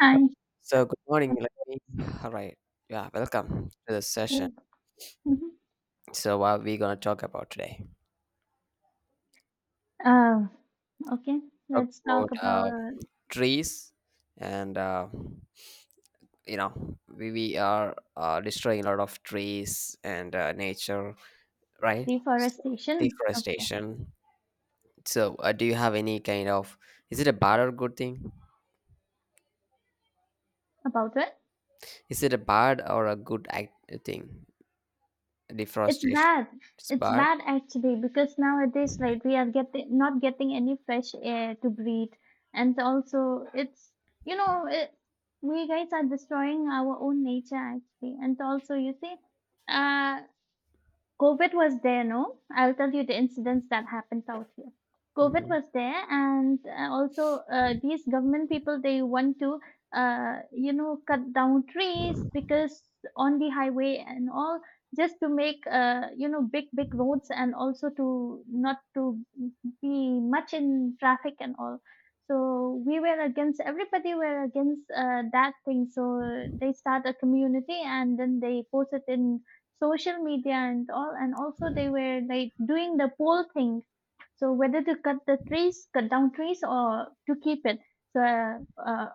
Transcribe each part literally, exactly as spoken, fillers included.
Hi. So good morning. Let me. All right. Yeah, welcome to the session. Mhm. So what are we gonna talk about today? Uh, okay, Talk let's talk about uh, about trees, and uh, you know we we are uh, destroying a lot of trees and uh, nature, right? So, deforestation. Okay, deforestation. So uh, do you have any kind of? Is it a bad or good thing? about it. Is it a bad or a good act thing? It's Deforestation. bad. It's It's bad. bad actually because nowadays, like, we are getting not getting any fresh air to breathe, and also it's you know it, we guys are destroying our own nature actually, and also you see, uh, COVID was there, no? I'll tell you the incidents that happened out here. COVID Mm-hmm. was there, and uh, also uh, these government people they want to, uh, you know, cut down trees because on the highway and all, just to make, uh, you know, big big roads and also to not to be much in traffic and all. So we were against everybody were against uh, that thing. So they start a community and then they post it in social media and all and also they were like doing the poll thing so whether to cut the trees, cut down trees, or to keep it. So uh, uh,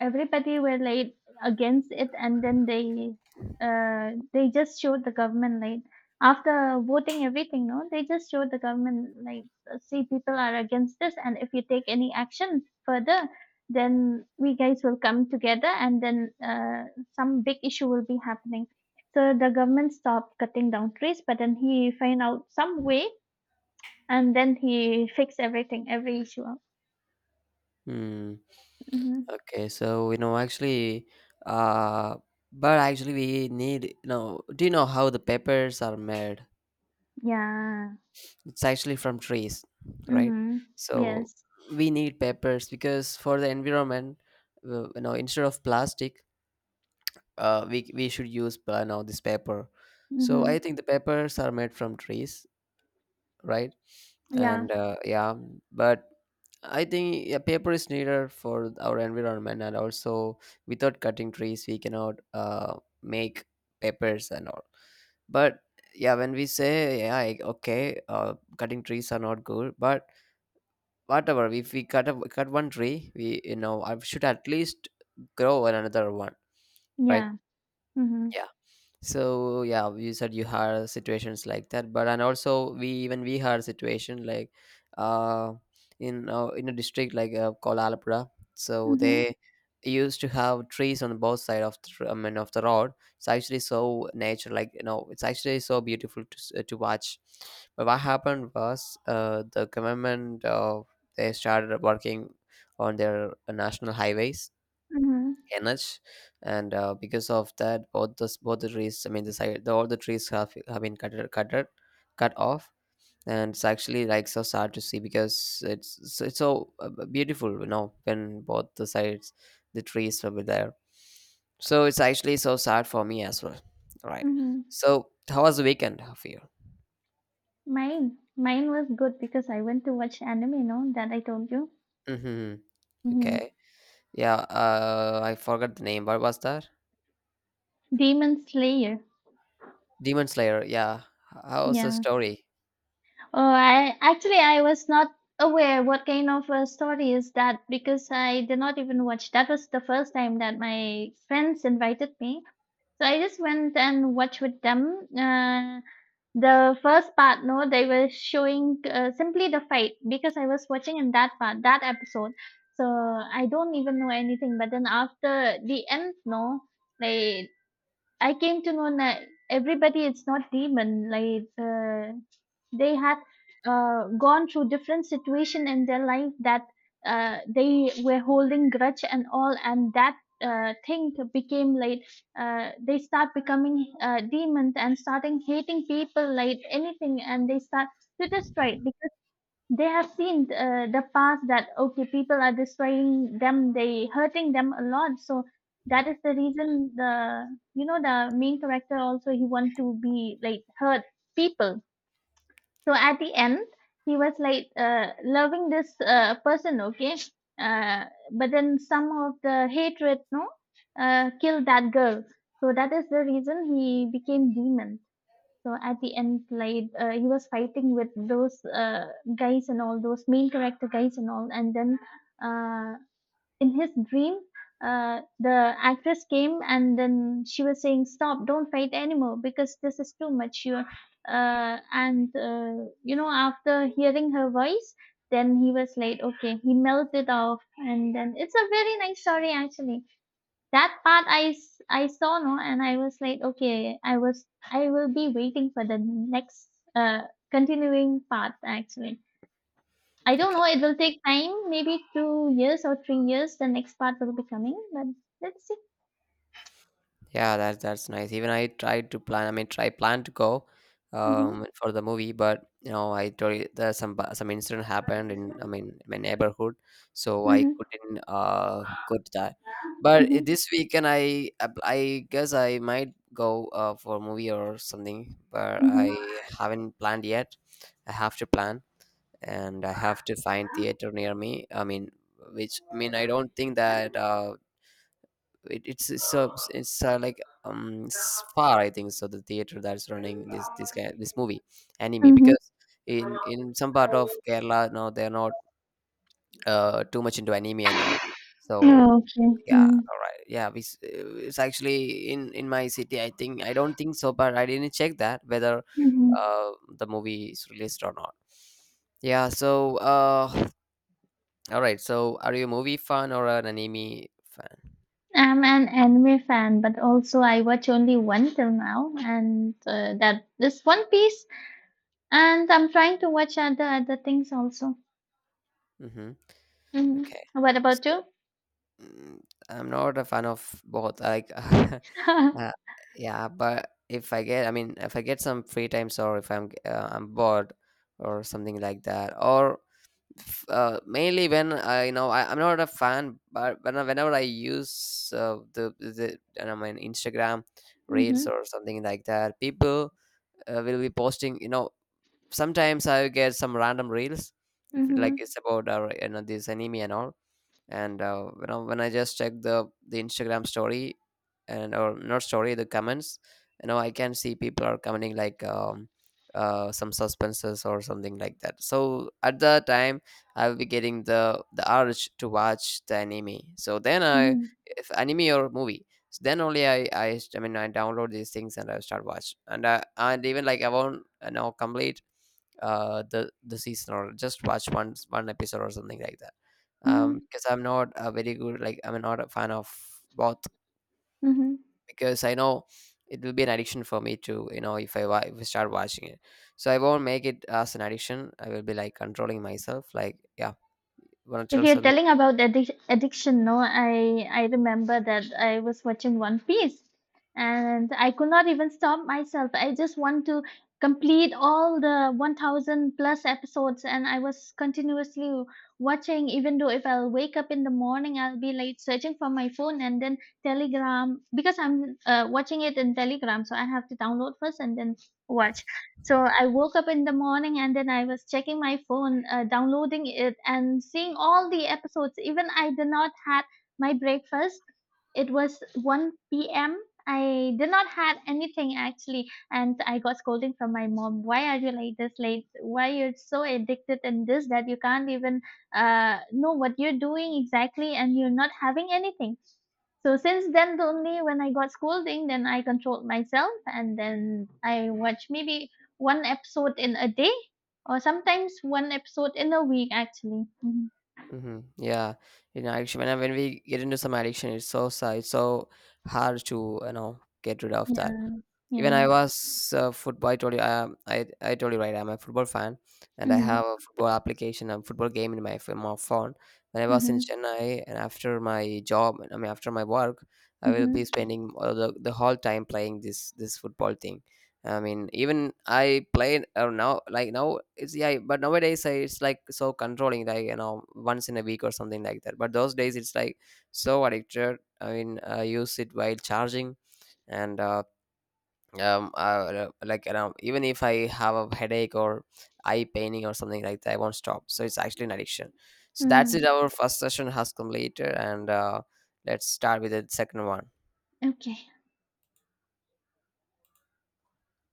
everybody were like against it, and then they uh, they just showed the government like after voting everything. No, they just showed the government like uh, see people are against this, and if you take any action further, then we guys will come together, and then uh, some big issue will be happening. So the government stopped cutting down trees, but then he find out some way and then he fix everything, every issue. Hmm. Mm-hmm. Okay, so you know actually, uh, but actually we need you know. Do you know how the peppers are made? Yeah. It's actually from trees, right? Mm-hmm. So Yes. we need peppers because for the environment, uh, you know, instead of plastic, uh, we we should use uh, you know this paper. So I Mm-hmm. think the peppers are made from trees, right? Yeah. And uh, yeah, but I think yeah, paper is needed for our environment, and also without cutting trees, we cannot uh, make papers and all. But yeah, when we say yeah, I- okay, uh, cutting trees are not good, but whatever, if we cut a, cut one tree, we you know I should at least grow another one, right? Yeah. Mm-hmm. Yeah, so yeah, you said you had situations like that, but and also we even we had a situation like uh in uh, in a district like uh, called alapura, so Mm-hmm. they used to have trees on both side of the tr- i mean of the road. It's actually so nature, like you know, it's actually so beautiful to, s- uh, to watch. But what happened was uh the government uh, they started working on their uh, national highways Mm-hmm. energy. And uh, because of that, both the both the trees, I mean the side, the, all the trees have have been cut cut cut cut off. And it's actually like so sad to see because it's so- it's so uh, beautiful, you know, when both the sides the trees will be there. So it's actually so sad for me as well, right? Mm-hmm. So how was the weekend for you? Mine, mine was good because I went to watch anime. No, that I told you. Mm-hmm. Mm-hmm. Okay, yeah, uh I forgot the name. What was that? Demon Slayer. Demon Slayer, yeah. How was the Yeah. story? Oh, I actually I was not aware what kind of a story is that because I did not even watch. That was the first time that my friends invited me. So I just went and watched with them. Uh, the first part, no, they were showing uh, simply the fight because I was watching in that part, that episode. So I don't even know anything. But then after the end, no, like I came to know that everybody, it's not demon. Like uh, they had uh, gone through different situation in their life that uh, they were holding grudge and all and that uh, thing became like uh, they start becoming uh, demons and starting hating people like anything and they start to destroy it because they have seen uh, the past that okay people are destroying them they hurting them a lot so that is the reason the you know the main character also he want to be like hurt people so at the end, he was like uh, loving this uh, person, okay? Uh, but then some of the hatred, no, uh, killed that girl. So that is the reason he became demon. So at the end, like uh, he was fighting with those uh, guys and all those main character guys and all, and then uh, in his dream, uh, the actress came and then she was saying, "Stop! Don't fight anymore because this is too much." You uh, and uh, you know, after hearing her voice, then he was like, "Okay," he melted off, and then it's a very nice story actually. That part I, s- I saw no, and I was like, "Okay," I was I will be waiting for the next uh, continuing part actually. I don't Okay. know. It will take time, maybe two years or three years. The next part will be coming, but let's see. Yeah, that's that's nice. Even I tried to plan. I mean, try plan to go Mhm, um for the movie, but you know, I told you there some bu- some incident happened in, I mean, my neighborhood, so I mhm, couldn't uh go to that. But i- mhm, this weekend, I I I guess I might go uh for a movie or something, but mhm, I haven't planned yet. I have to plan, and I have to find theater near me. I mean, which, I mean, I don't think that uh it, it's it's, uh, it's uh, like um Spar, I think so, the theater that's running this this guy this movie anime, mhm. because in in some part of Kerala now they're not uh too much into anime and all. So Okay. yeah, Mm, all right, yeah, we, s- uh, it's actually in in my city, I think, I don't think so, but I didn't check that whether mhm. uh the movie is released or not. Yeah, so uh all right, so are you a movie fan or an anime fan? I'm an anime fan, but also I watch only one till now, and uh, that this One Piece. And I'm trying to watch other other things also. Mm-hmm. Hmm. Okay. What about So you? Mm, I'm not a fan of both. Like, uh, yeah, but if I get, I mean, if I get some free times, or if I'm uh, I'm bored or something like that, or f- uh, mainly when I you know I, I'm not a fan, but when I- whenever I use uh, the the I don't know, my Instagram Hmm. Hmm. reels or something like that, people uh, will be posting. You know, sometimes I get some random reels. If it, like Hmm. it's about uh, you know this anime and all. And uh, when, I, when I just check the the Instagram story, and or not story, the comments, you know, I can see people are commenting like um, uh, some suspenses or something like that. So at the time I'll be getting the the urge to watch the anime. So then I Hmm. if anime or movie, so then only I, I i mean i download these things and I start watch, and I, and even like I won't, you know, complete uh the the season, or just watch one one episode or something like that. Um, hmm. Because I'm not a very good, like I'm not a fan of both, Hmm. because I know it will be an addiction for me to, you know, if I wa- if I start watching it. So I won't make it as an addiction. I will be like controlling myself. Like yeah, want to If tell you're something. telling about the addic- addiction, no, I I remember that I was watching One Piece, and I could not even stop myself. I just want to complete all the one thousand plus episodes, and I was continuously watching. Even though if I'll wake up in the morning, I'll be like searching for my phone and then Telegram because I'm uh, watching it in Telegram, so I have to download first and then watch. So I woke up in the morning and then I was checking my phone, uh, downloading it and seeing all the episodes. Even I did not had my breakfast. It was one p m. I did not had anything actually, and I got scolding from my mom. Why are you like this late? Why you're so addicted in this that you can't even uh, know what you're doing exactly, and you're not having anything. So since then, the only when I got scolding, then I controlled myself and then I watch maybe one episode in a day or sometimes one episode in a week, actually. Mhm. Mm-hmm. Yeah, you know, addiction. When, I- when we get into some addiction, it's so sad. It's so hard to, you know, get rid of that. Yeah, Even yeah. I was uh, football. I told you, um, I I told you, right? I'm a football fan, and I Mhm, have a football application, a football game in my ph- my phone. When I was in mhm, Chennai, and after my job, I mean after my work, I will mhm, be spending all the, the whole time playing this this football thing. I mean, even I played uh, now, like now it's yeah, but nowadays I, it's like so controlling, like you know, once in a week or something like that. But those days it's like so addicted. I mean, I use it while charging and uh, um uh, uh, like around, even if I have a headache or eye paining or something like that, I won't stop. So it's actually an addiction. So that's mhm. it, our first session has completed. And uh, let's start with the second one. Okay.